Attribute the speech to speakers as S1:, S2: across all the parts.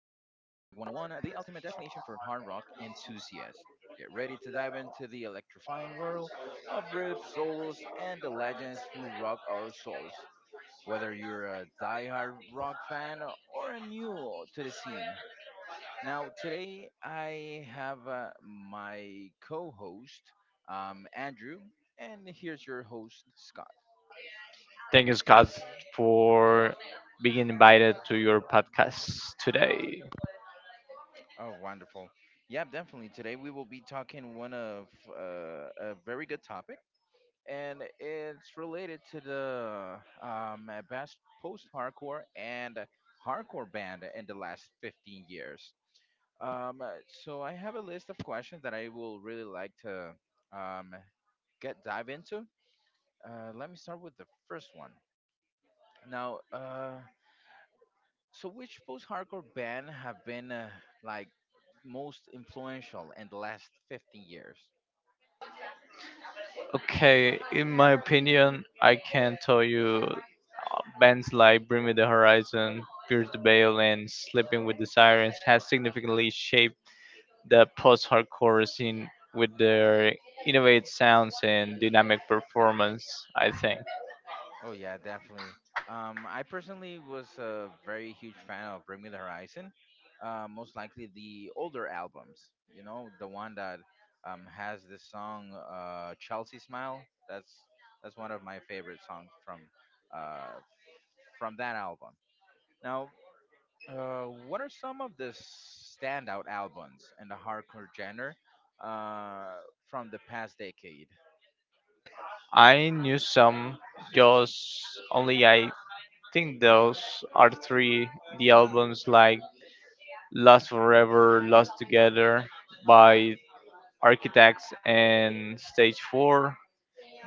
S1: 101, the ultimate destination for hard rock enthusiasts. Get ready to dive into the electrifying world of riff solos and the legends who rock our souls. Whether you're a die-hard rock fan or a new to the scene. Now, today I have my co host, Andrew, and here's your host, Scott.
S2: Thank you, Scott, for being invited to your podcast today.
S1: Oh, wonderful. Yeah, definitely. Today we will be talking one of a very good topic, and it's related to the best post-hardcore and hardcore band in the last 15 years. Um, uh, so I have a list of questions that I will really like to um, get dive into. Let me start with the first one. Now, so which post-hardcore band have been like most influential in the last 15 years?
S2: Okay, in my opinion, I can tell you bands like Bring Me the Horizon, Pierce the Veil, and Sleeping with the Sirens has significantly shaped the post hardcore scene with their innovative sounds and dynamic performance, I think.
S1: Oh yeah, definitely. I personally was a very huge fan of Bring Me the Horizon. Most likely the older albums, you know, the one that has the song "Chelsea Smile." That's that's one of my favorite songs uh, from that album. Now, what are some of the standout albums in the hardcore genre uh, from the past decade?
S2: I knew some, just only I think those are three the albums like Lost Forever, Lost Together by Architects and Stage 4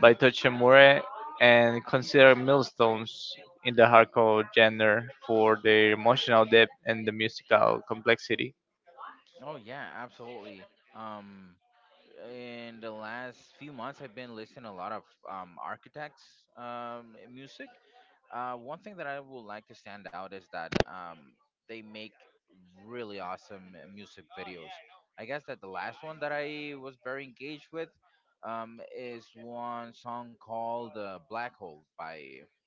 S2: by Tochemure and considered milestones in the hardcore genre for their emotional depth and the musical complexity.
S1: Oh yeah, absolutely. Um, in the last few months, I've been listening a lot of architects' music. One thing that I would like to stand out is that they make really awesome music videos. I guess that the last one that I was very engaged with is one song called "Black Hole" by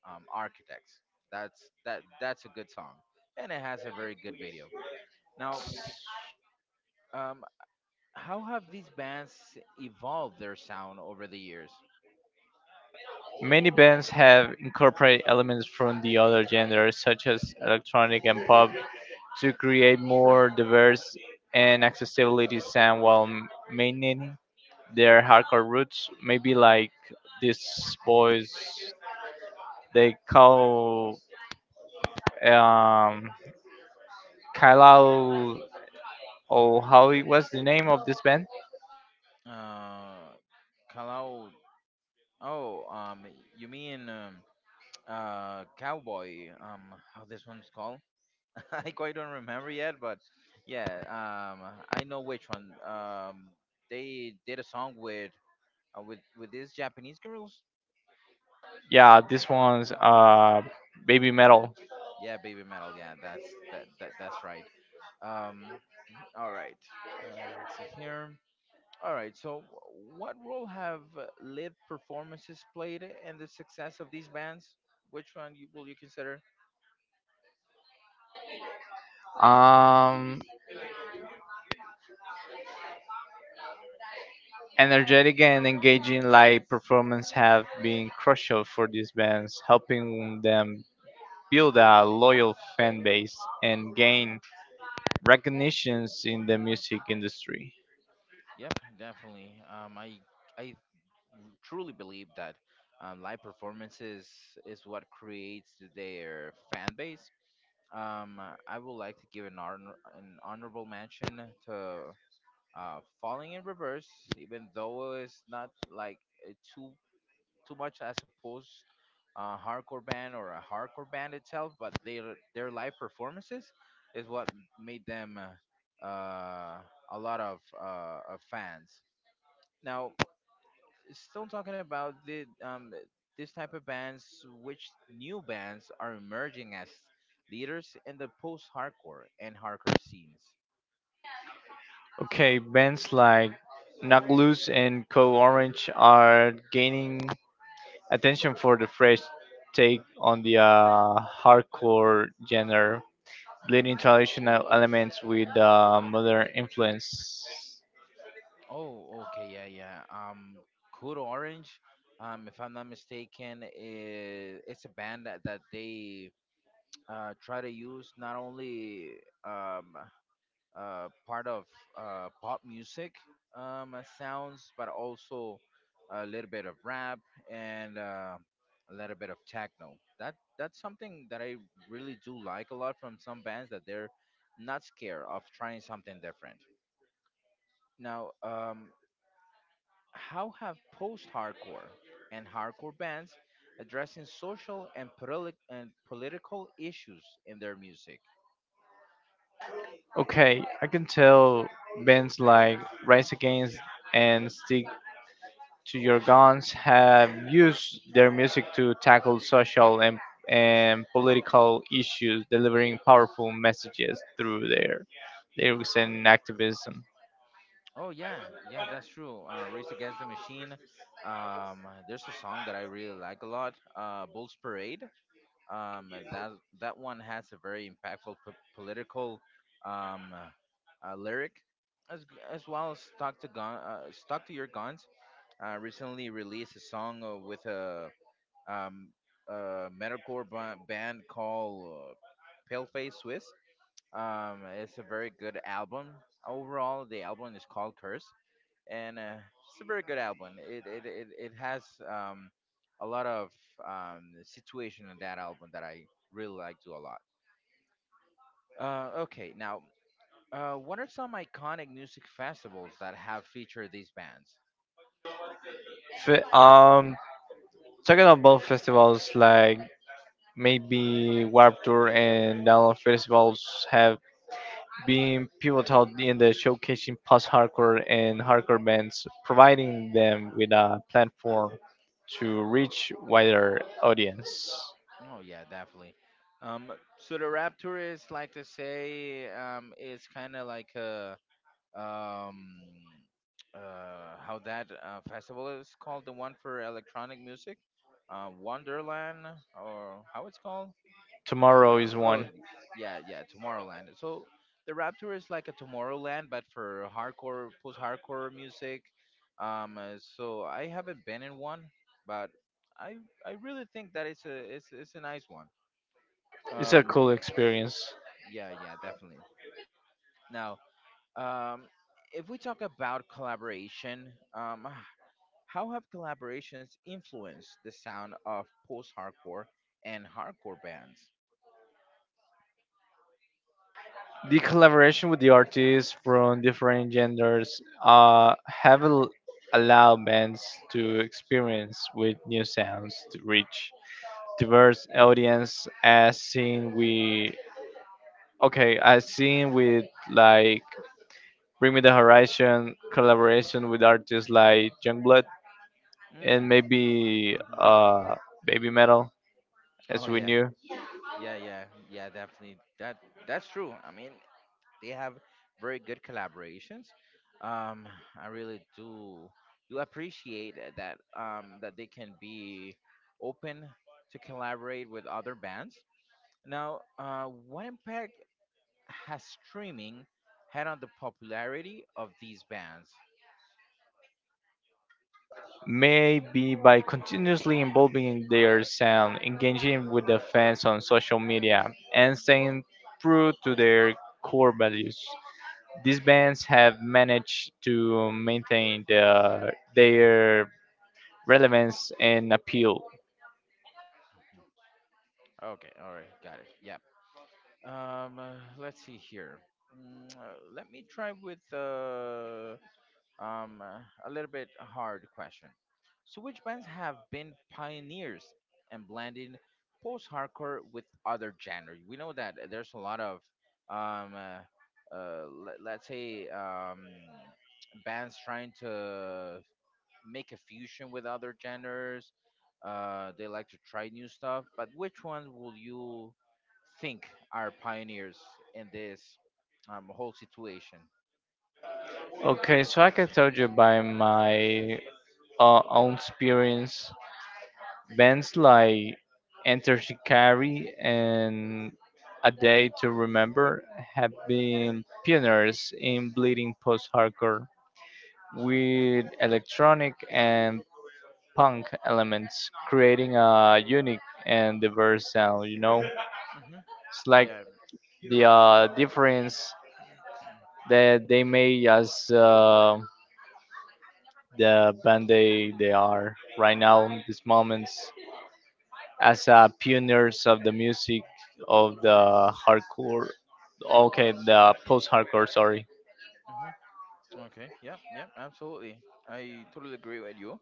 S1: Architects. That's a good song, and it has a very good video. Now, um, how have these bands evolved their sound over the years?
S2: Many bands have incorporated elements from the other genres such as electronic and pop to create more diverse and accessibility sound while maintaining their hardcore roots. Maybe like these boys, they call um, Kylal. Oh, how it was the name of this band?
S1: Uh, Kalau. Oh, you mean Cowboy? How this one's called? I quite don't remember yet, but yeah, I know which one. They did a song with with these Japanese girls.
S2: Yeah, this one's baby metal.
S1: Yeah, baby metal. Yeah, that's that, that that's right. Um, all right. Let's see here. All right, so what role have live performances played in the success of these bands? Will you consider?
S2: Um, Energetic and engaging live performance have been crucial for these bands, helping them build a loyal fan base and gain recognitions in the music industry.
S1: Yep, definitely. I truly believe that live performances is what creates their fan base. I would like to give an honor, an honorable mention to Falling in Reverse, even though it's not like a too much as opposed a hardcore band or a hardcore band itself, but their live performances is what made them uh, uh, a lot of fans. Now, still talking about the this type of bands, which new bands are emerging as leaders in the post-hardcore and hardcore scenes.
S2: Okay, bands like Knockloose and Code Orange are gaining attention for the fresh take on the hardcore genre, blending traditional elements with modern influence.
S1: Oh, okay, yeah, yeah. Code Orange, if I'm not mistaken, I it's a band that they try to use not only um, part of pop music sounds, but also a little bit of rap and a little bit of techno. That's something that I really do like a lot from some bands that they're not scared of trying something different. Now, how have post-hardcore and hardcore bands addressing social and, and political issues in their music?
S2: Okay, I can tell bands like Rise Against and Stick to your guns have used their music to tackle social and political issues, delivering powerful messages through their lyrics and activism.
S1: Oh yeah, yeah, that's true. Race Against the Machine. There's a song that I really like a lot. Bulls Parade. Um, that that one has a very impactful political um, lyric, as as well as Stuck to Gun, Stuck to Your Guns. Recently released a song with um, a metalcore band called Paleface Swiss. It's a very good album. Overall, the album is called Curse and it's a very good album. It has a lot of situation in that album that I really like to a lot. Okay, now what are some iconic music festivals that have featured these bands?
S2: Fe- um, Talking about festivals like maybe Warped Tour and Download festivals have been pivotal in the showcasing post-hardcore and hardcore bands, providing them with a platform to reach wider audience.
S1: Oh yeah, definitely. Um, so the Rapture is like to say it's kind of like a um, how that festival is called the one for electronic music, Wonderland or how it's called.
S2: Tomorrow is
S1: Oh, y-
S2: one.
S1: yeah, yeah, Tomorrowland. So the Rapture is like a Tomorrowland, but for hardcore, post-hardcore music. So I haven't been in one, but I I really think that it's a nice one.
S2: It's a
S1: Um,
S2: cool experience.
S1: yeah, yeah, definitely. Now, um, if we talk about collaboration, how have collaborations influenced the sound of post-hardcore and hardcore bands?
S2: The collaboration with the artists from different genders have allowed bands to experience with new sounds to reach diverse audience as seen with like Bring Me the Horizon collaboration with artists like Youngblood and
S1: Mm,
S2: maybe
S1: mhm.
S2: Baby Metal
S1: Oh
S2: as we
S1: yeah,
S2: knew.
S1: Yeah, yeah, yeah, definitely. That's true. I mean, they have very good collaborations. Um, I really do appreciate that they can be open to collaborate with other bands. Now, what impact has streaming had on the popularity of these bands?
S2: Maybe by continuously involving their sound, engaging with the fans on social media, and staying true to their core values. These bands have managed to maintain their relevance and appeal.
S1: Okay, all right, got it. Yeah. Let's see here. Let me try with a little bit hard question. So, which bands have been pioneers in blending post-hardcore with other genres? We know that there's a lot of, let's say, bands trying to make a fusion with other genres. They like to try new stuff, but which ones will you think are pioneers in this whole situation?
S2: Okay, so I can tell you by my own experience. Bands like Enter Shikari and A Day to Remember have been pioneers in bleeding post hardcore with electronic and punk elements, creating a unique and diverse sound. You know,
S1: Hmm
S2: it's like
S1: Yeah.
S2: the difference that they made as the band they are right now in these moments, as pioneers of the music of the hardcore. Okay, the post-hardcore. Sorry.
S1: hmm Okay. Yeah. Yeah. Absolutely. I totally agree with you.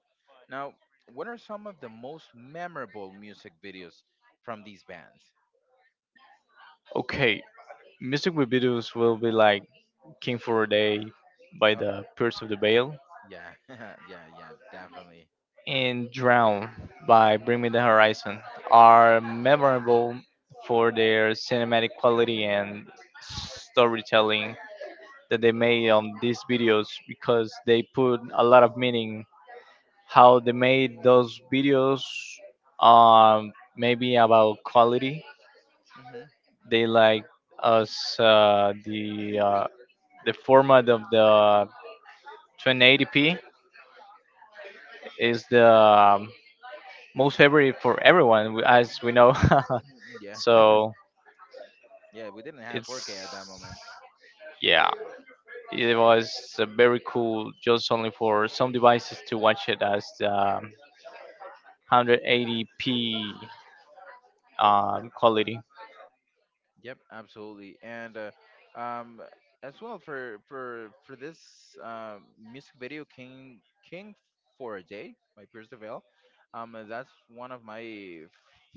S1: Now, what are some of the most memorable music videos from these bands?
S2: Okay, music with videos will be like King for a Day by
S1: Oh,
S2: the Pierce of the Veil
S1: yeah. Yeah. Yeah. Definitely.
S2: and Drown by Bring Me the Horizon are memorable for their cinematic quality and storytelling that they made on these videos because they put a lot of meaning how they made those videos maybe about quality
S1: Hmm
S2: they like us the format of the 1080p is the most favorite for everyone as we know
S1: Yeah.
S2: so
S1: Yeah. We didn't have 4K
S2: it's
S1: at that moment.
S2: yeah it was very cool just only for some devices to watch it as the 180p quality.
S1: Yep, absolutely. And um, as well for for this music video, King for a Day by Pierce the Veil, that's one of my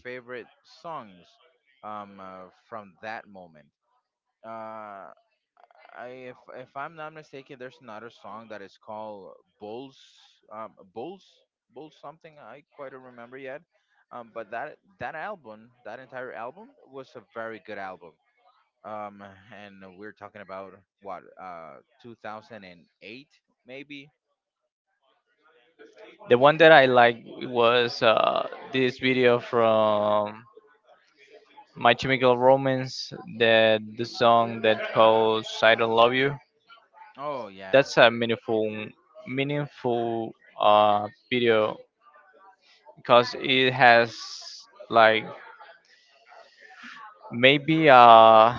S1: favorite songs from that moment. Uh, I if I'm not mistaken, there's another song that is called Bulls, um, Bulls, Bulls something. I quite don't remember yet. But that album, that entire album, was a very good album um, and we're talking about what 2008 maybe.
S2: The one that I liked was this video from My Chemical Romance, that the song that calls "I Don't Love You."
S1: Oh yeah.
S2: That's a meaningful video because it has like
S1: Mhm,
S2: maybe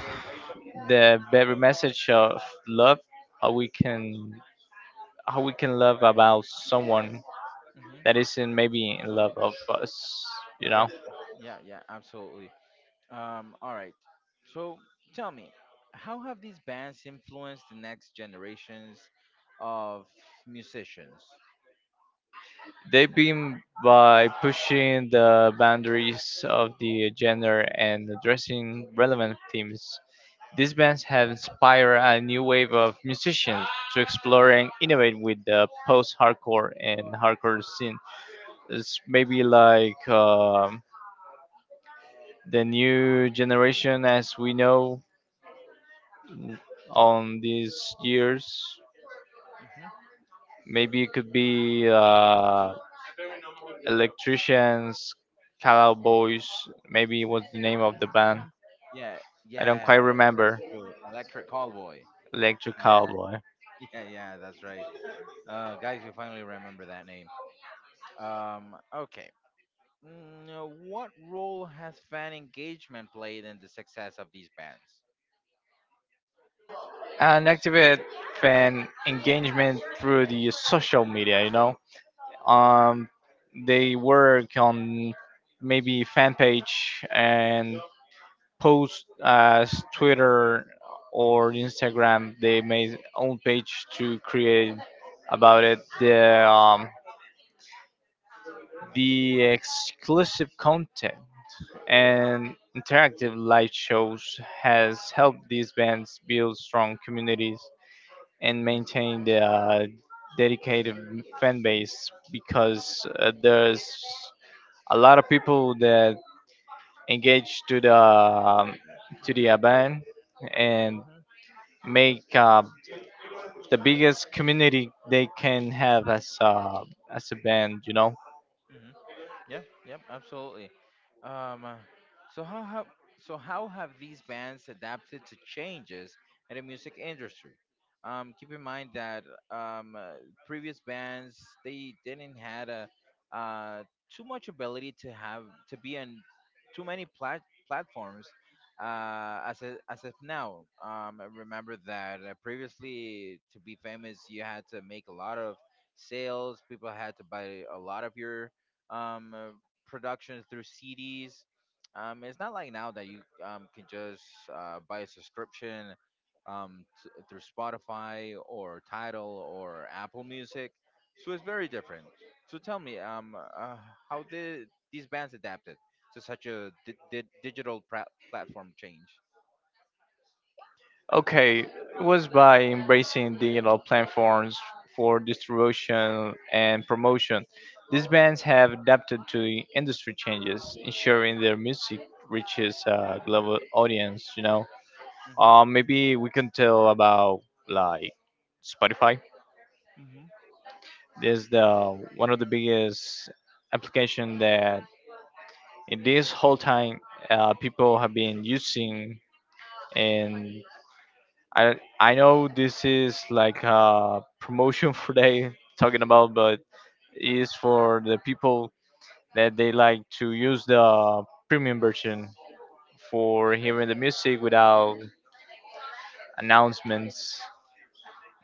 S2: the very message of love. How we can how we can love about someone
S1: mhm.
S2: that isn't maybe in love of us, you know.
S1: Yep. Yeah. Yeah. Absolutely. All right. So tell me, how have these bands influenced the next generations of musicians?
S2: They've been by pushing the boundaries of the genre and addressing relevant themes. These bands have inspired a new wave of musicians to explore and innovate with the post-hardcore and hardcore scene. It's maybe like the new generation as we know on these years.
S1: Hmm
S2: Maybe it could be electricians, cowboys. Maybe was the name of the band.
S1: Yeah.
S2: I don't quite
S1: Yeah. That's
S2: remember.
S1: true. Electric Callboy.
S2: Electric
S1: Yeah.
S2: Cowboy.
S1: Yeah. Yeah. That's right. Guys, we finally remember that name. Okay. What role has fan engagement played in the success of these bands?
S2: And activate fan engagement through the social media, you know.
S1: Hmm
S2: Um, they work on maybe fan page and post as Twitter or Instagram. They made own page to create about it the exclusive content and interactive live shows has helped these bands build strong communities and
S1: hmm
S2: maintain their dedicated fan base because there's a lot of people that engage to the band and make the biggest community they can have as a band, you know.
S1: hmm Yep, yep, absolutely. Um, uh, so how have so how have these bands adapted to changes in the music industry? Keep in mind that um, uh, previous bands they didn't had a uh, too much ability to have to be on too many platforms as a, as of now. I remember that previously to be famous you had to make a lot of sales. People had to buy a lot of your um, uh, production through CDs. It's not like now that you can just buy a subscription through Spotify or Tidal or Apple Music. So it's very different. So tell me, how did these bands adapted to such a digital platform change?
S2: Okay, it was by embracing digital platforms for distribution and promotion. These bands have adapted to the industry changes, ensuring their music reaches a global audience, you know.
S1: Hmm
S2: Maybe we can tell about like Spotify.
S1: hmm
S2: This is the one of the biggest application that in this whole time people have been using, and I know this is like a promotion for they talking about, but is for the people that they like to use the premium version for hearing the music without announcements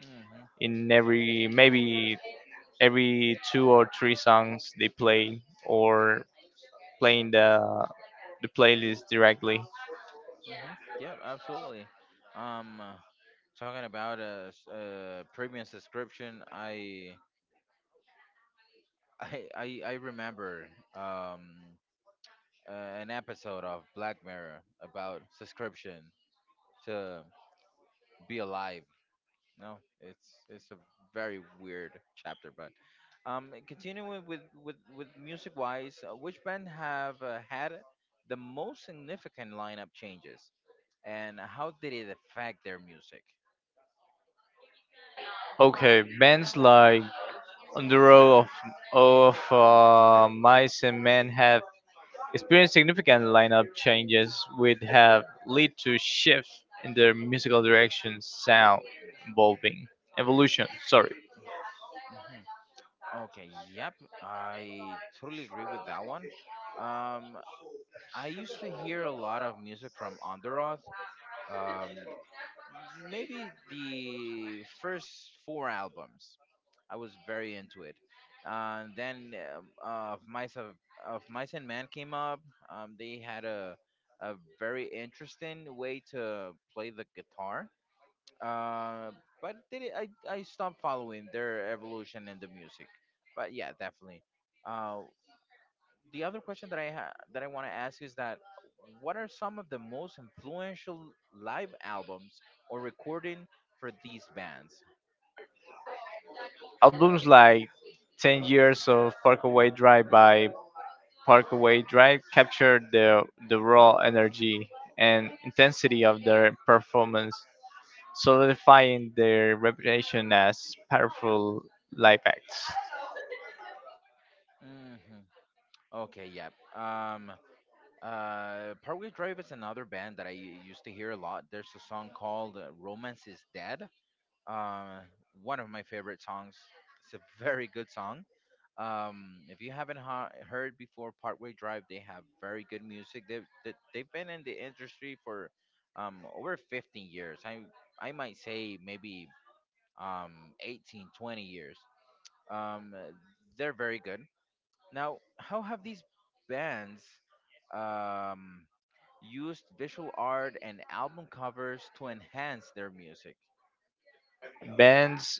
S1: Mhm.
S2: in every maybe every two or three songs they play or playing the playlist directly.
S1: Mhm. Yep. Absolutely. Um, uh, Talking about a premium subscription, I remember um, an episode of Black Mirror about subscription to be alive. No, it's a very weird chapter, but continuing with with music wise, which band have had the most significant lineup changes, and how did it affect their music?
S2: Okay, bands like On the Road of Mice and Men have experienced significant lineup changes would have led to shifts in their musical direction, sound evolving, evolution. Sorry,
S1: Hmm Okay, yep, I totally agree with that one. Um, I used to hear a lot of music from Underoath. Um, Maybe the first four albums, I was very into it. And then of Mice of, of Mice and Man came up. They had a very interesting way to play the guitar. Uh, I stopped following their evolution in the music. But yeah, definitely. Uh, the other question that I that I want to ask is that what are some of the most influential live albums or recording for these bands?
S2: albums like 10 Years of Parkway Drive by Parkway Drive captured the raw energy and intensity of their performance, solidifying their reputation as powerful live acts.
S1: Hmm Okay, yeah. Um, Parkway Drive is another band that I used to hear a lot. There's a song called "Romance Is Dead." Um, One of my favorite songs. It's a very good song. If you haven't heard before, Partway Drive, they have very good music. They've been in the industry for over 15 years. I might say maybe um 18, 20 years. Um, uh, they're very good. Now, how have these bands um used visual art and album covers to enhance their music?
S2: Bands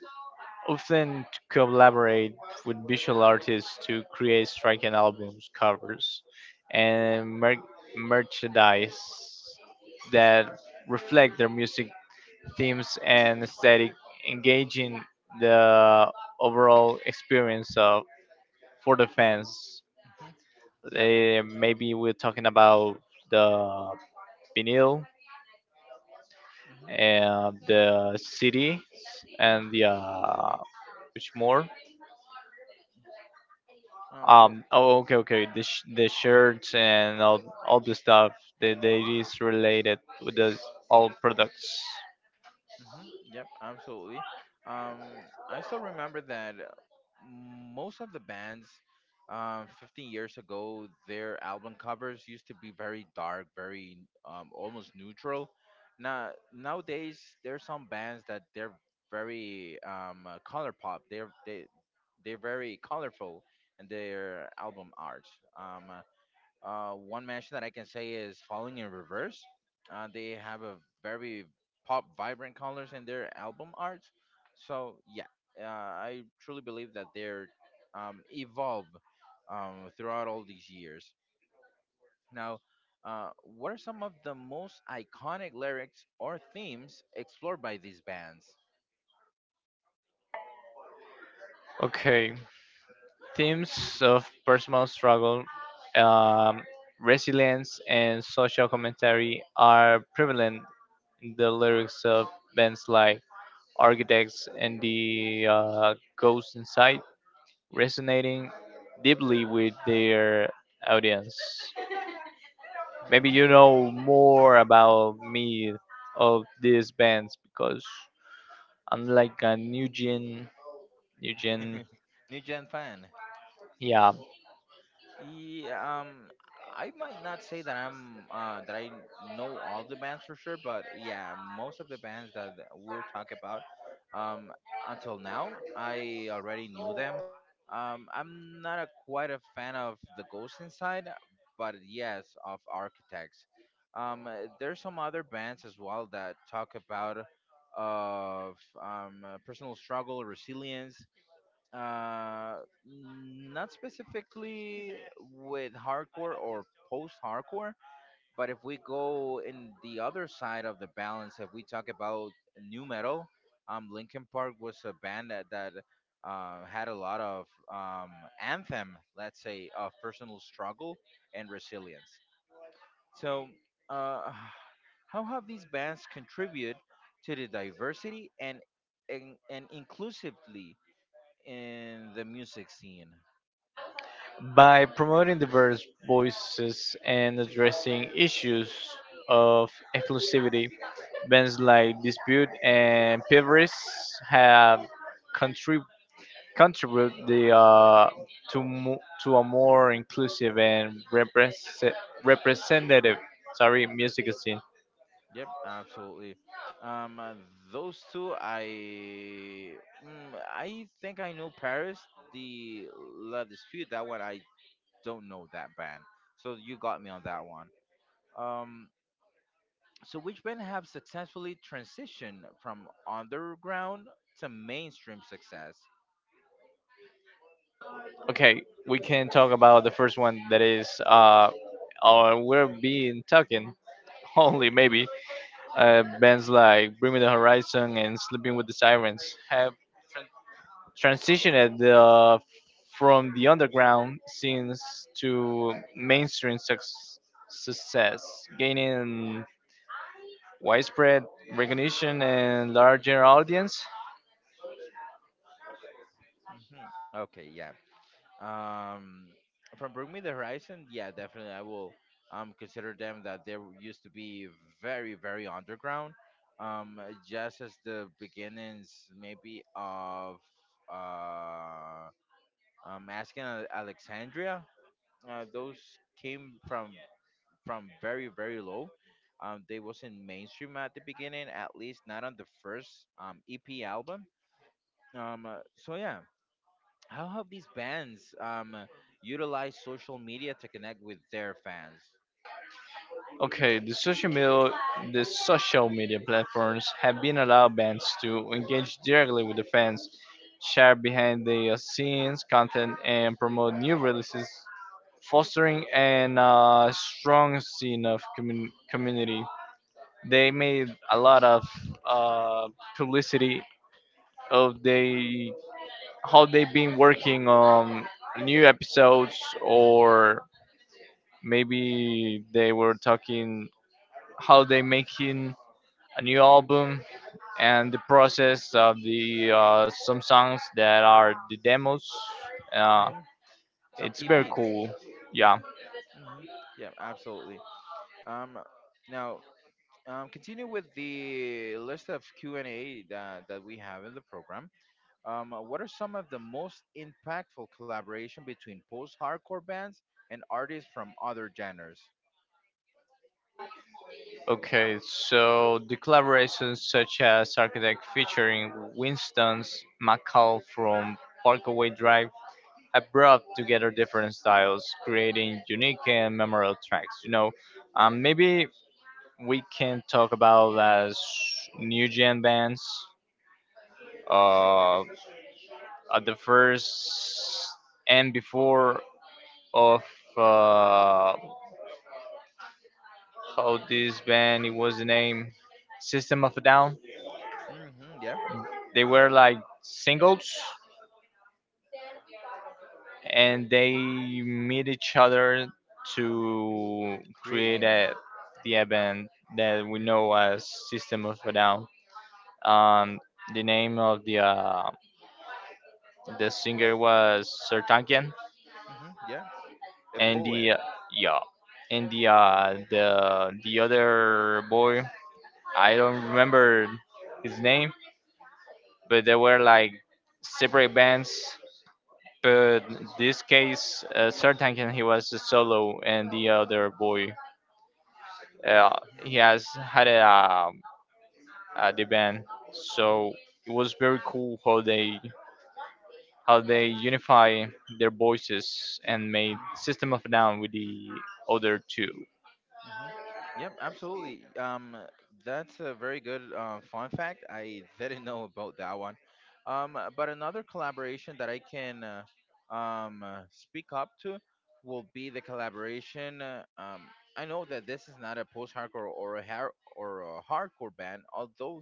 S2: often to collaborate with visual artists to create striking albums covers and merchandise that reflect their music themes and aesthetic, engaging the overall experience of for the fans.
S1: Hmm Yeah.
S2: Eh, maybe we're talking about the vinyl
S1: hmm
S2: and the CD and the which more.
S1: Well,
S2: Oh. Okay. Okay. The the shirts and all the stuff that that is related with the all products.
S1: hmm Yep, absolutely. Um, I still remember that most of the bands, 15 years ago, their album covers used to be very dark, very almost neutral. Now nowadays, there are some bands that they're very color pop. They're very colorful in their album art. Um, One match that I can say is Falling in Reverse. They have a very pop, vibrant colors in their album art. So yeah, I truly believe that they're evolved throughout all these years. Now, what are some of the most iconic lyrics or themes explored by these bands?
S2: Okay. Themes of personal struggle, um, resilience, and social commentary are prevalent in the lyrics of bands like Architects and the Ghost Inside, resonating deeply with their audience. Maybe you know more about me of these bands because I'm like a new
S1: Hmm
S2: gen.
S1: New Gen fan.
S2: Yeah,
S1: Yeah, I might not say that I know all the bands for sure, but yeah, most of the bands that we're talking about, um, until now, I already knew them. I'm not a, quite a fan of the Ghost Inside, but yes, of Architects. There's some other bands as well that talk about of personal struggle, resilience, uh, not specifically with hardcore or post hardcore, but if we go in the other side of the balance, if we talk about new metal, Linkin Park was a band that had a lot of um, anthem, let's say, of personal struggle and resilience. So, uh, how have these bands contributed to the diversity and inclusively in the music scene.
S2: by promoting diverse voices and addressing issues of inclusivity, bands like Dispute and Pivris have contrib- contribute the to to a more inclusive and representative sorry music scene.
S1: Yep, absolutely. Um, uh, those two, I I think I know Paris, the La Dispute. That one I don't know that band. So you got me on that one. Um, so which band have successfully transitioned from underground to mainstream success?
S2: Okay, we can talk about the first one that is or we're being talking only maybe bands like Bring Me the Horizon and Sleeping with the Sirens have transitioned the from the underground scenes to mainstream success, gaining widespread recognition and larger audience.
S1: Hmm Okay, yeah, Um, from Bring Me the Horizon, yeah, definitely I will consider them that they used to be very underground. Um, just as the beginnings maybe of uh asking Alexandria, those came from very low. They wasn't mainstream at the beginning, at least not on the first EP album. So yeah, how have these bands utilized social media to connect with their fans?
S2: Okay, the social media platforms have been allowed bands to engage directly with the fans, share behind the scenes content, and promote new releases, fostering an strong scene of community. They made a lot of uh, publicity of they how they've been working on new episodes or maybe they were talking how they making a new album, and the process of the some songs that are the demos. Uh,
S1: Hmm Some
S2: it's very
S1: EPs.
S2: cool. Yeah.
S1: Hmm Yeah, absolutely. Um, Now, continue with the list of Q and A that we have in the program. What are some of the most impactful collaboration between post-hardcore bands and artists from other genres?
S2: Okay. So the collaborations such as Architect featuring Winston's McCall from Parkway Drive have brought together different styles, creating unique and memorable tracks. You know, maybe we can talk about as new gen bands. Uh, at the first and before of uh, how this band it was the name System of a Down.
S1: Hmm yeah,
S2: They were like singles and they meet each other to
S1: create
S2: create
S1: the man.
S2: the band that we
S1: Hmm
S2: know as System of a Down. Um, the name of the singer was Sertankian,
S1: hmm yeah, a
S2: and
S1: poet.
S2: the yeah and the other boy, I don't remember his name, but they were like separate bands. But this case, Sertankin, he was a solo, and the other boy, uh, he has had a, the band.
S1: Hmm
S2: So it was very cool how they unify their voices and made
S1: hmm
S2: System of a Down with the other two.
S1: hmm Yep, absolutely. That's a very good fun fact. I didn't know about that one. But another collaboration that I can speak up to will be the collaboration. I know that this is not a post-hardcore or a hardcore band, although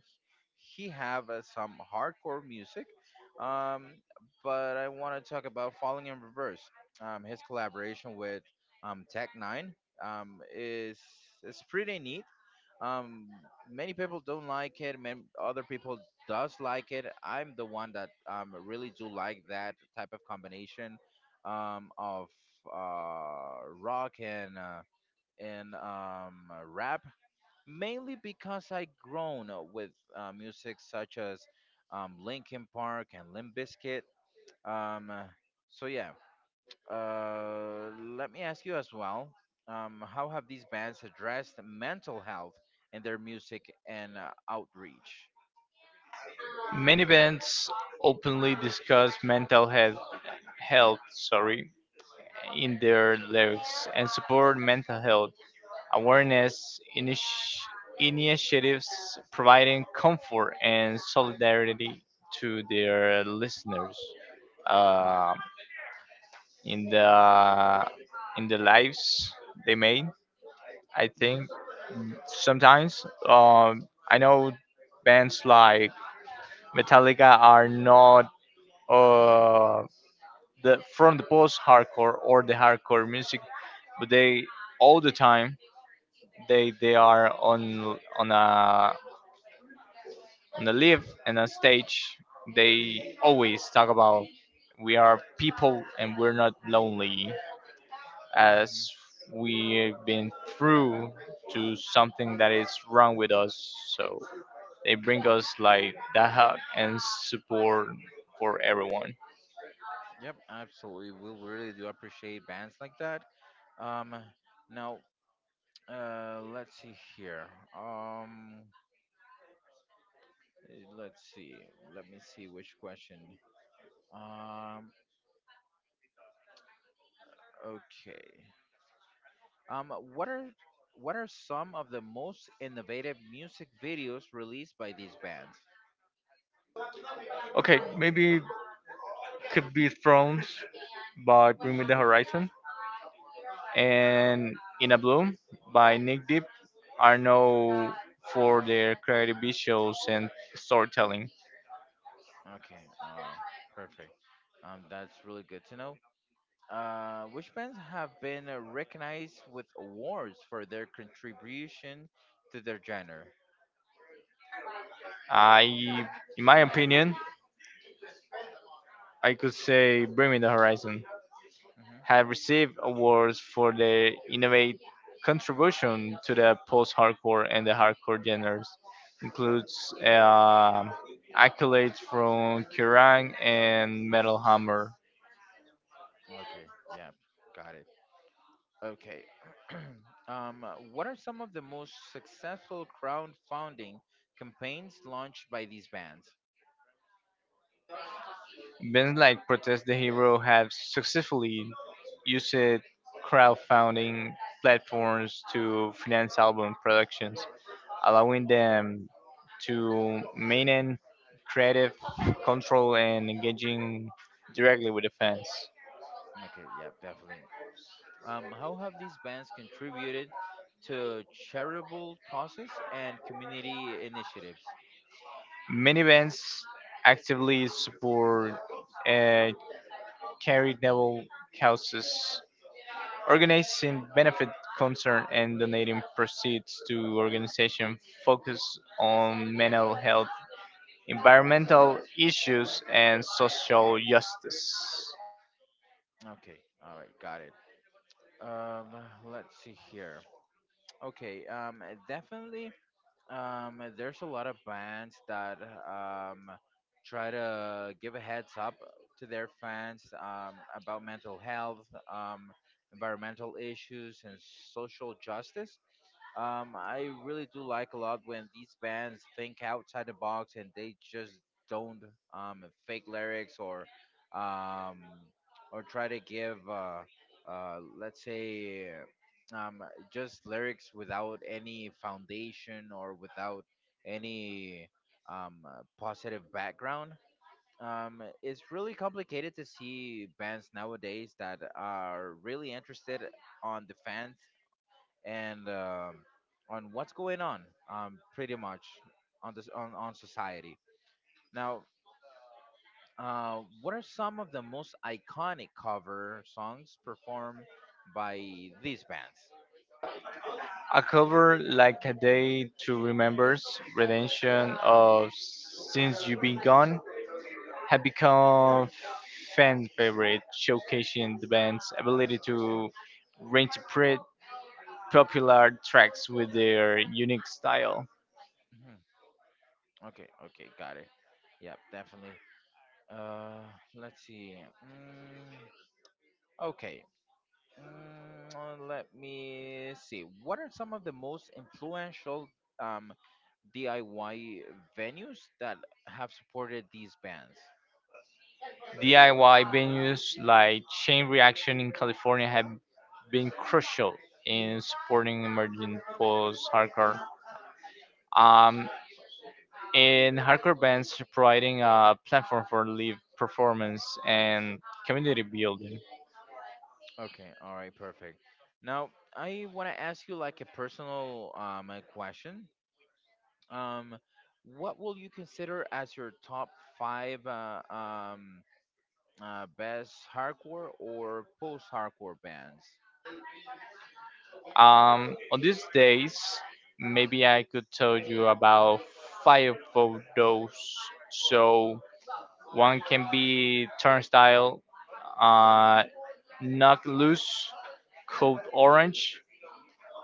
S1: he have some hardcore music. Um, but I want to talk about Falling in Reverse. His collaboration with Tech Nine is it's pretty neat. Um, Many people don't like it. Man, other people does like it. I'm the one that really do like that type of combination of rock and and um, rap, mainly because I grown up with music such as Linkin Park and Limp Bizkit. Um, so yeah, uh, let me ask you as well how have these bands addressed mental health in their music and outreach?
S2: Many bands openly discuss mental health sorry in their lives and support mental health awareness initiatives providing comfort and solidarity to their listeners uh, in the in the lives they made. I think sometimes I know bands like Metallica are not uh, the from the post hardcore or the hardcore music, but they all the time they are on a live and a stage they always talk about we are people and we're not lonely
S1: Mm-hmm.
S2: as we've been through to something that is wrong with us so they bring us like that hug and support for everyone.
S1: Yep, absolutely. We really do appreciate bands like that. Um, Now, let's see here. Um, let's see. Let me see which question. Um, okay. What are some of the most innovative music videos released by these bands?
S2: Okay, maybe could be Thrones by Bring Me the Horizon and In a Bloom by Nick Deep are known for their creative visuals and storytelling.
S1: Okay, uh, perfect. That's really good to know. Which bands have been recognized with awards for their contribution to their genre?
S2: I, in my opinion, I could say Bringing the Horizon
S1: Hmm
S2: have received awards for their innovative contribution to the post-hardcore and the hardcore genres. Includes accolades from Kerrang and Metal Hammer.
S1: Okay, yeah, got it. Okay, what are some of the most successful crowdfunding campaigns launched by these bands?
S2: Bands like Protest the Hero have successfully used crowdfunding platforms to finance album productions, allowing them to maintain creative control and engaging directly with the fans.
S1: Okay, yeah, definitely. How have these bands contributed to charitable causes and community initiatives?
S2: Many bands actively support uh, charitable causes. Organizing benefit concerts and donating proceeds to organizations focused on mental health, environmental issues, and social justice.
S1: Okay, all right, got it. Um, let's see here. Okay, definitely. There's a lot of bands that um, try to give a heads up to their fans about mental health, um, environmental issues, and social justice. I really do like a lot when these bands think outside the box and they just don't fake lyrics um, or try to give let's say um, just lyrics without any foundation or without any positive background. It's really complicated to see bands nowadays that are really interested on the fans and on what's going on, pretty much on on society. Now, what are some of the most iconic cover songs performed by these bands?
S2: A cover like A Day to Remembers redemption of Since You've Been Gone have become fan favorite, showcasing the band's ability to reinterpret popular tracks with their unique style.
S1: Okay, okay, got it. Yep, definitely. Uh, let's see. Mm, okay, let me see. What are some of the most influential um, DIY venues that have supported these bands?
S2: DIY venues like Chain Reaction in California have been crucial in supporting emerging post hardcore. Um, and hardcore bands providing a platform for live performance and community building.
S1: Okay, all right, perfect. Now, I want to ask you like a personal question. Um, what will you consider as your top five best hardcore or post-hardcore bands?
S2: On these days, maybe I could tell you about five of those. So one can be Turnstile, uh, Knock Loose, Code Orange.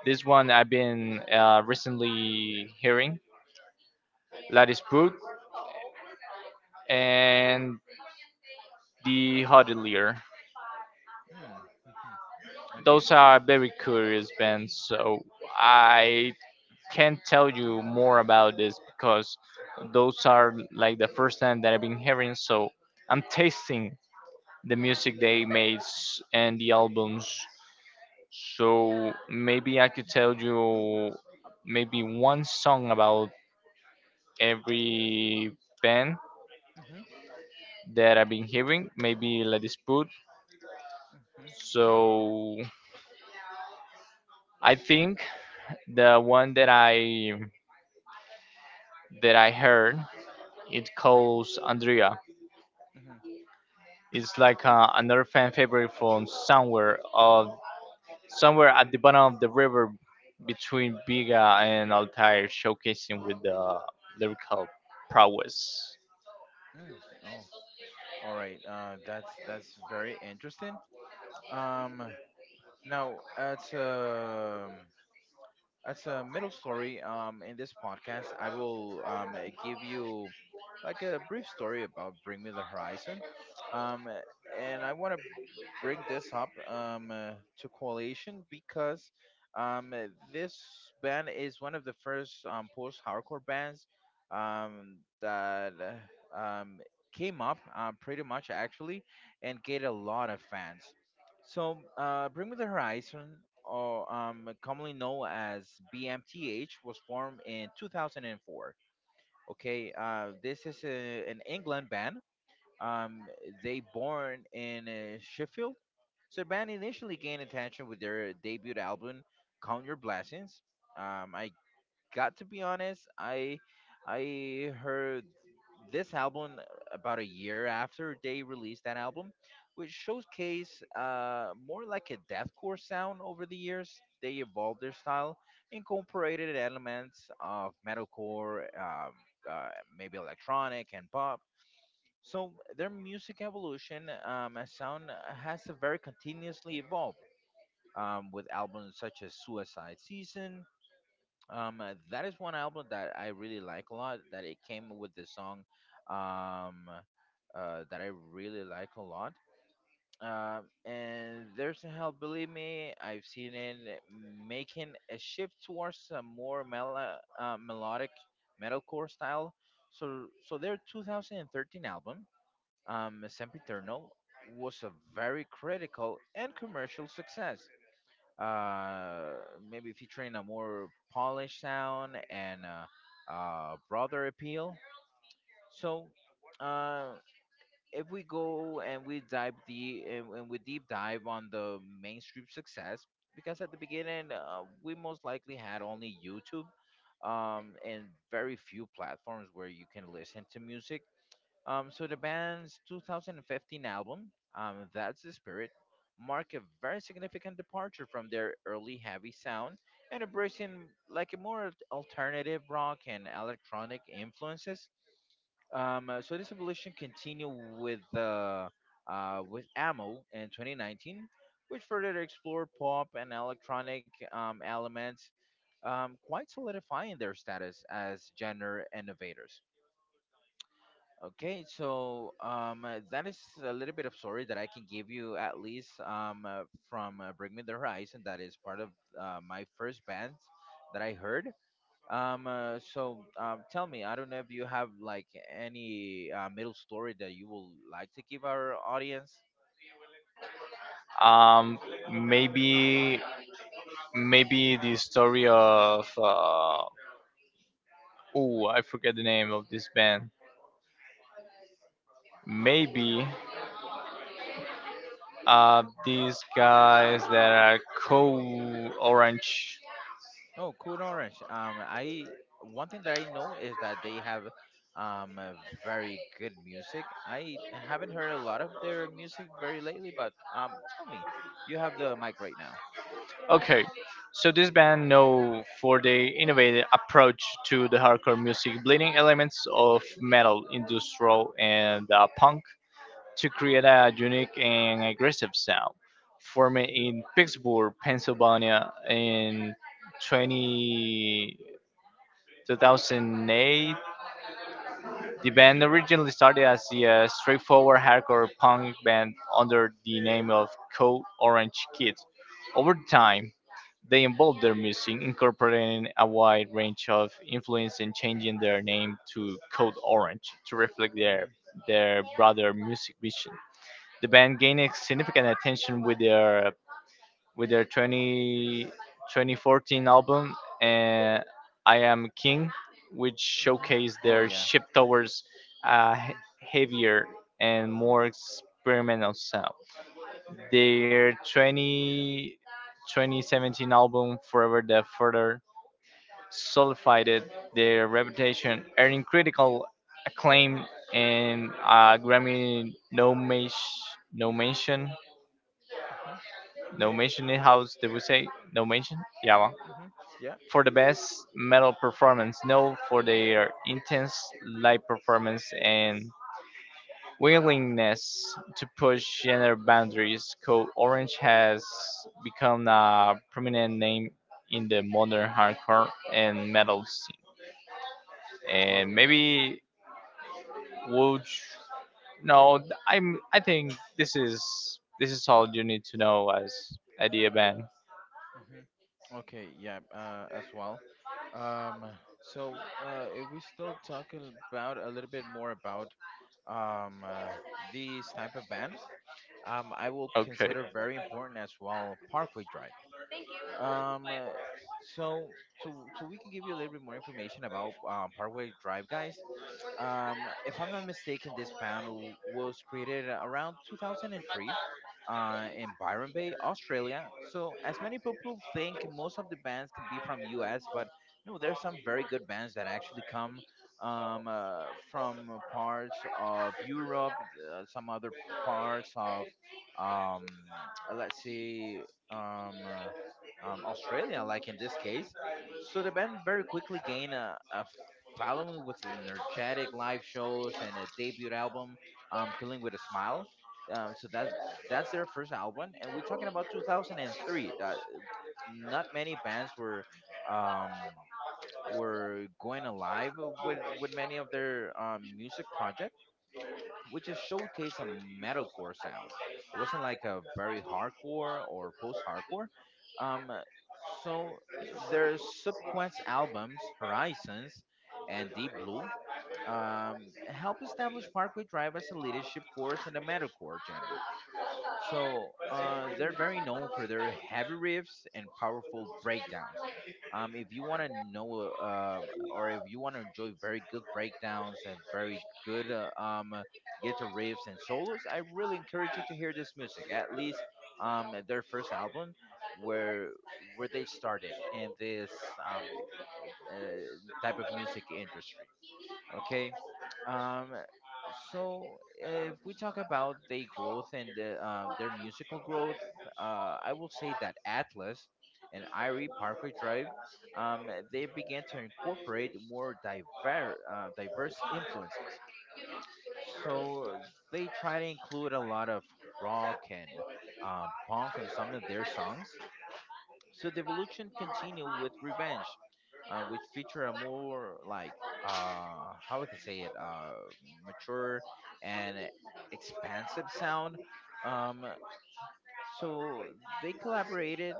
S2: This one I've been recently hearing, Latispoot and the Hotelier.
S1: Hmm. Okay.
S2: Those are very curious bands, so I can't tell you more about this because those are like the first time that I've been hearing, so I'm tasting the music they made and the albums. So maybe I could tell you maybe one song about every band
S1: hmm
S2: that I've been hearing, maybe La Dispute.
S1: hmm
S2: So I think the one that I heard, it calls Andrea.
S1: hmm
S2: It's like another fan favorite from somewhere at the bottom of the river between Biga and Altair, showcasing with the lyrical prowess.
S1: hmm Oh, all right. That's very interesting. Um, now at as a middle story in this podcast I will give you like a brief story about Bring Me the Horizon um, uh, and I want to bring this up to correlation because um, uh, this band is one of the first post-hardcore bands um, that came up pretty much actually and get a lot of fans. So, Bring Me the Horizon, or commonly known as BMTH, was formed in 2004. Okay, this is an England band. Um, they born in Sheffield. So, the band initially gained attention with their debut album, Count Your Blessings. I got to be honest, I heard this album about a year after they released that album, which showcased more like a deathcore sound over the years. They evolved their style, incorporated elements of metalcore, uh, maybe electronic and pop. So their music evolution as sound has very continuously evolved with albums such as Suicide Season, that is one album that I really like a lot. That it came with the song, um, that I really like a lot. And there's a hell, believe me, I've seen it making a shift towards a more melodic metalcore style. So their 2013 album, Sempiternal, was a very critical and commercial success uh, maybe featuring a more polished sound and broader appeal. So, uh, if we go and we dive deep and we deep dive on the mainstream success, because at the beginning we most likely had only YouTube and very few platforms where you can listen to music. So the band's 2015 album, That's the Spirit, marked a very significant departure from their early heavy sound and embracing like a more alternative rock and electronic influences. So this evolution continued with Ammo in 2019, which further explored pop and electronic elements, quite solidifying their status as genre innovators. Okay, so that is a little bit of story that I can give you at least from Bring Me the Horizon. That is part of my first band that I heard. So tell me, I don't know if you have like any middle story that you will like to give our audience.
S2: Um, maybe maybe the story of oh, I forget the name of this band. Maybe these guys that are Cool Orange.
S1: Oh, Code Orange. I one thing that I know is that they have a very good music. I haven't heard a lot of their music very lately, but tell me, you have the mic right now.
S2: Okay, so this band know for their innovative approach to the hardcore music, blending elements of metal, industrial, and punk to create a unique and aggressive sound. Formed
S1: Mhm,
S2: in Pittsburgh, Pennsylvania, in 20, 2008. The band originally started as a straightforward hardcore punk band under the name of Code Orange Kid. Over time, they evolved their music, incorporating a wide range of influence and changing their name to Code Orange to reflect
S1: mhm,
S2: their broader music vision. The band gained significant attention with their 2014 album, and I Am King, which
S1: mhm.
S2: showcased
S1: Oh
S2: their
S1: yeah.
S2: shift towards a
S1: Mhm,
S2: heavier and more experimental sound. Their 2017 album, Forever, the further solidified their reputation, earning critical acclaim and Grammy no mention, no mention,
S1: mhm,
S2: no mention in house. Did we say no mention? Yeah, well,
S1: mhm, mhm. Yeah.
S2: for the best metal performance, known for their intense live performance and willingness to push gender boundaries. Code Orange has become a prominent name in the modern hardcore and metal scene. And
S1: Okay.
S2: maybe would no, I think this is all you need to know as Eddie band.
S1: Mhm. Okay. Yeah. As well. Um. So, if we still talking about a little bit more about um uh, these type of bands, I will
S2: Okay.
S1: consider very important as well Parkway Drive. Um, uh, so we can give you a little bit more information about Parkway Drive, guys. If I'm not mistaken, was created around 2003 in Byron Bay, Australia. So, as many people think, most of the bands could be from US, but no, there's some very good bands that actually come from parts of Europe, some other parts of, um, let's see. Um, uh, Australia, like in this case. So the band very quickly gained a following with energetic live shows and a debut album, Killing with a Smile. So that that's their first album, and we're talking about 2003. That not many bands um, were going alive with many of their music projects which just showcased a metalcore sound. It wasn't like a very hardcore or post-hardcore. Um, so their subsequent albums, Horizons and Deep Blue, helped establish Parkway Drive as a leadership force in the metalcore genre. So they're very known for their heavy riffs and powerful breakdowns. If you want to know, or if you want to enjoy very good breakdowns and very good guitar riffs and solos, I really encourage you to hear this music. At least their first album, where they started in this um, uh, type of music industry. Okay. Um, so if we talk about their growth and their musical growth, I will say that Atlas and Irie Parkway Drive, they began to incorporate more diverse influences. So they try to include a lot of rock and punk on some of their songs. So the evolution continued with Revenge, which featured a more like, how we can say it, mature and expansive sound. Um, so they collaborated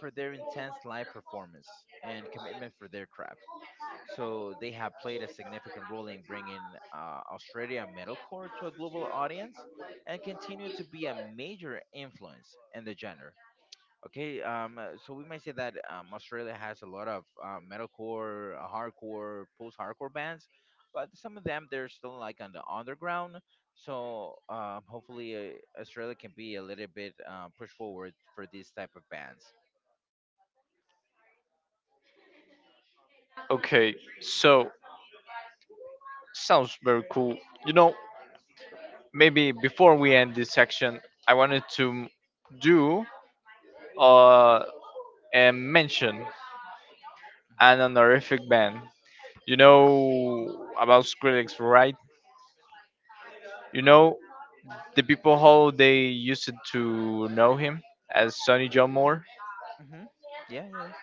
S1: for their intense live performance and commitment for their craft. So they have played a significant role in bringing Australia metalcore to a global audience and continue to be a major influence in the genre. Okay. So we might say that Australia has a lot of metalcore, hardcore, post-hardcore bands, but some of them they're still like on the underground. So hopefully, Australia can be a little bit pushed forward for these type of bands.
S2: Okay. So sounds very cool. You know, maybe before we end this section, I wanted to do uh, a mention, an honorific band. You
S1: Mm-hmm. Mm-hmm.
S2: know about Skrillex, right? You
S1: Uh,
S2: know the people how they used to know him as Sonny John Moore.
S1: mm-hmm. Yeah. Yes.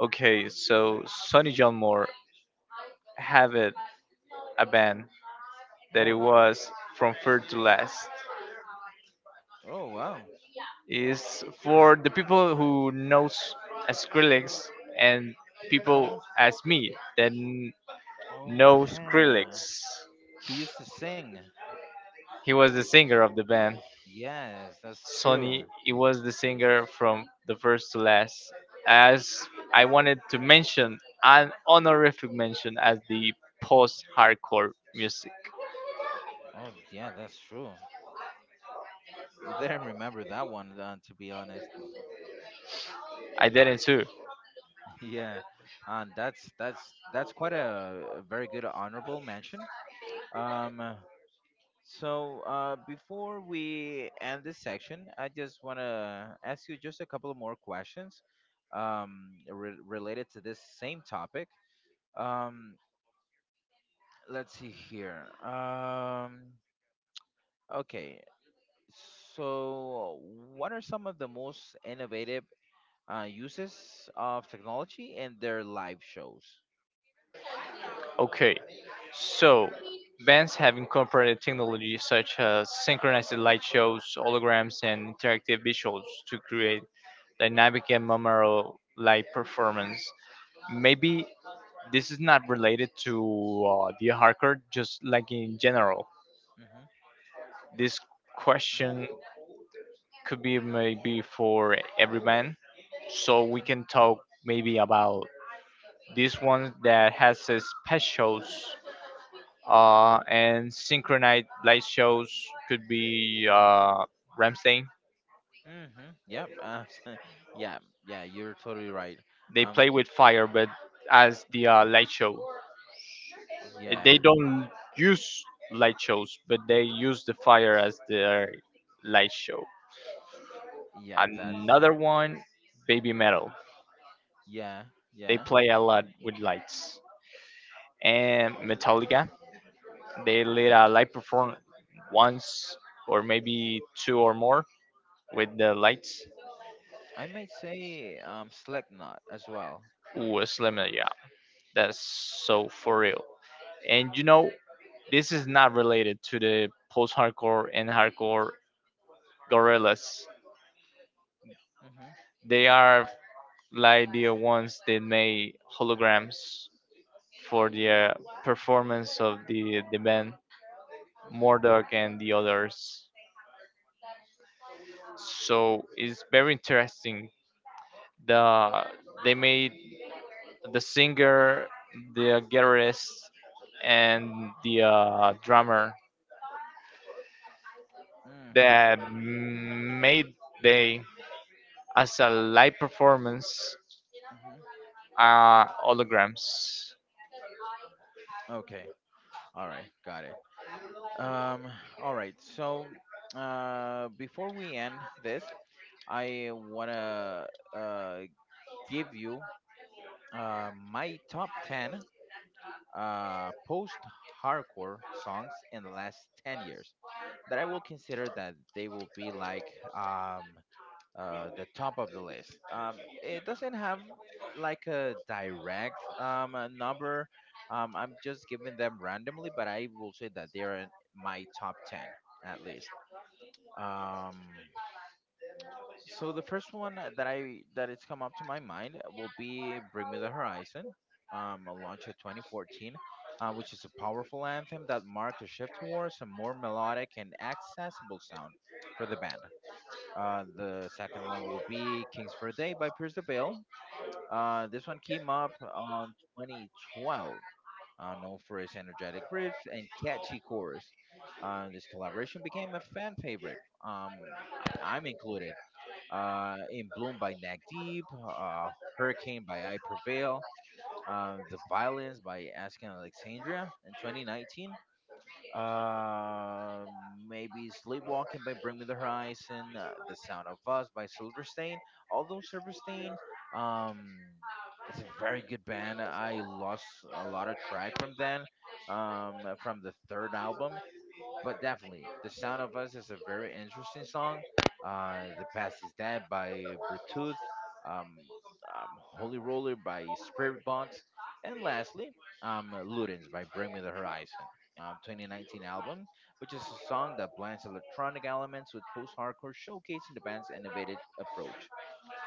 S2: Okay, so Sonny John Moore had a band that it
S1: Oh.
S2: was From Third to Last.
S1: Oh. Wow.
S2: Is for the people who knows as Skrillex and people
S1: Mm-hmm.
S2: as me that.
S1: Oh,
S2: No
S1: yeah.
S2: Skrillex.
S1: He used to sing.
S2: He was the singer of the band.
S1: Yes, that's true.
S2: Sonny, he was the singer from the first to Last. As I wanted to mention an honorific mention as the post hardcore music.
S1: Oh, yeah, that's true. I didn't remember that one. To be honest.
S2: I didn't too.
S1: Yeah, and that's quite a very good honorable mention. Um, before we end this section, I just want to ask you just a couple of more questions related to this same topic. Um, let's see here. Okay, so what are some of the most innovative uses of technology in their live shows?
S2: Okay, so bands have incorporated technology such as synchronized light shows, holograms, and interactive visuals to create dynamic and memorable live performance. Maybe this is not related to the hardcore, just like in general.
S1: Hmm.
S2: This question could be maybe for every band, so we can talk maybe about this one that has a specials and synchronized light shows could be Ramstein.
S1: Mm-hmm. Yep. Yeah. Yeah. You're totally right.
S2: They
S1: Um.
S2: play with fire, but as the light show,
S1: Yeah.
S2: they don't use light shows, but they use the fire as their light show.
S1: Yep. That's.
S2: Another one, Baby Metal.
S1: Yeah.
S2: They
S1: Yeah.
S2: play a lot with lights. And Metallica, they lead a live performance once or maybe two or more with the lights.
S1: I might say Slipknot as well.
S2: Ooh, Slimmer, yeah, that's so for real. And you know, this is not related to the post-hardcore and hardcore Gorillas.
S1: Mm-hmm.
S2: They are like the ones that made holograms for the performance of the band
S1: Mm-hmm.
S2: Mordok and the others. So it's very interesting. The they made the singer, the guitarist, and the drummer
S1: Mm-hmm.
S2: that made they as a live performance
S1: Mm-hmm.
S2: holograms
S1: Okay. All right. Got it. Um. All right. So, before we end this, I wanna uh give you my top 10 post hardcore songs in the last 10 years. That I will consider that they will be like, the top of the list. It doesn't have like a direct number. I'm just giving them randomly, but I will say that they are in my top 10 at least. Um, so the first one that I that it's come up to my mind will be "Bring Me the Horizon," launched in 2014, which is a powerful anthem that marks a shift towards a more melodic and accessible sound for the band. The second one will be "Kings for a Day" by Pierce the Veil. This one came up on 2012, known for its energetic riff and catchy chorus. This collaboration became a fan favorite. Um, I'm included In Bloom by Nag Deep, Hurricane by I Prevail, The Violence by Asking Alexandria in 2019. Uh, maybe Sleepwalking by Bring Me the Horizon, The Sound of Us by Silverstein. Although Silverstein, um, it's a very good band. I lost a lot of track from them, from the third album, but definitely the sound of us is a very interesting song. The past is dead by Bluetooth, um, holy roller by Spirit Box, and lastly Ludens by Bring Me the Horizon, 2019 album, which is a song that blends electronic elements with post-hardcore, showcasing the band's innovative approach.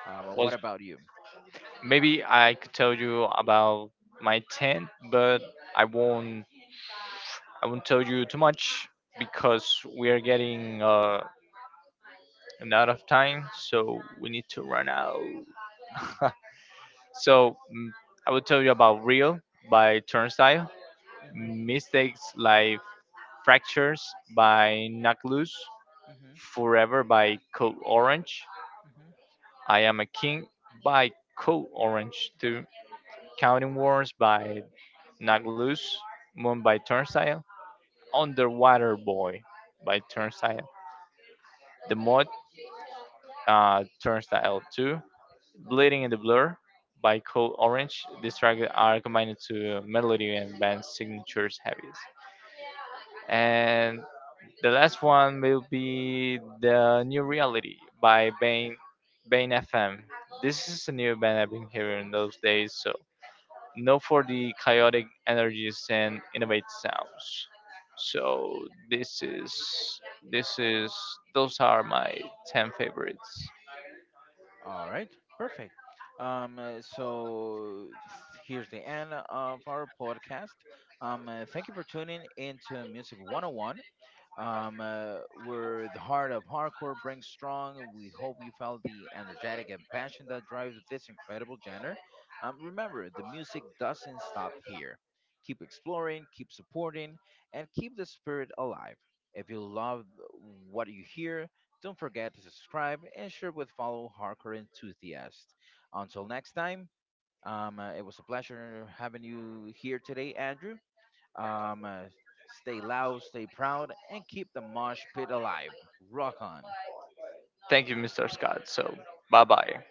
S1: What
S2: was
S1: about you?
S2: maybe I could tell you about my tent, but I won't I won't tell you too much because we are getting and out of time, so we need to run out.
S1: Hmm.
S2: So I will tell you about Real by Turnstile,
S1: Hmm.
S2: Mistakes like Fractures by Knock Loose, Forever by Code Orange,
S1: Hmm.
S2: I Am a King by Code Orange too, Counting Wars by Knock Loose, Moon by Turnstile, Underwater Boy by Turnstile, The More Turnstile 2, Bleeding in the Blur by Cold Orange. These tracks are combined to melody and band signatures heavies. And the last one will be The New Reality by Bane, Bane FM. This is a new band I've been hearing those days, so known for the chaotic energies and innovative sounds. So this is this is those are my 10 favorites.
S1: All right, perfect. Here's the end of our podcast. Thank you for tuning into Music 101. We're the heart of hardcore brings strong. We hope you felt the energetic and passion that drives this incredible genre. Remember, the music doesn't stop here. Keep exploring, keep supporting, and keep the spirit alive. If you love what you hear, don't forget to subscribe and share with fellow hardcore enthusiasts. Until next time, it was a pleasure having you here today, Andrew. Um, uh, stay loud, stay proud, and keep the mosh pit alive. Rock on.
S2: Thank you, Mr. Scott. So, bye bye.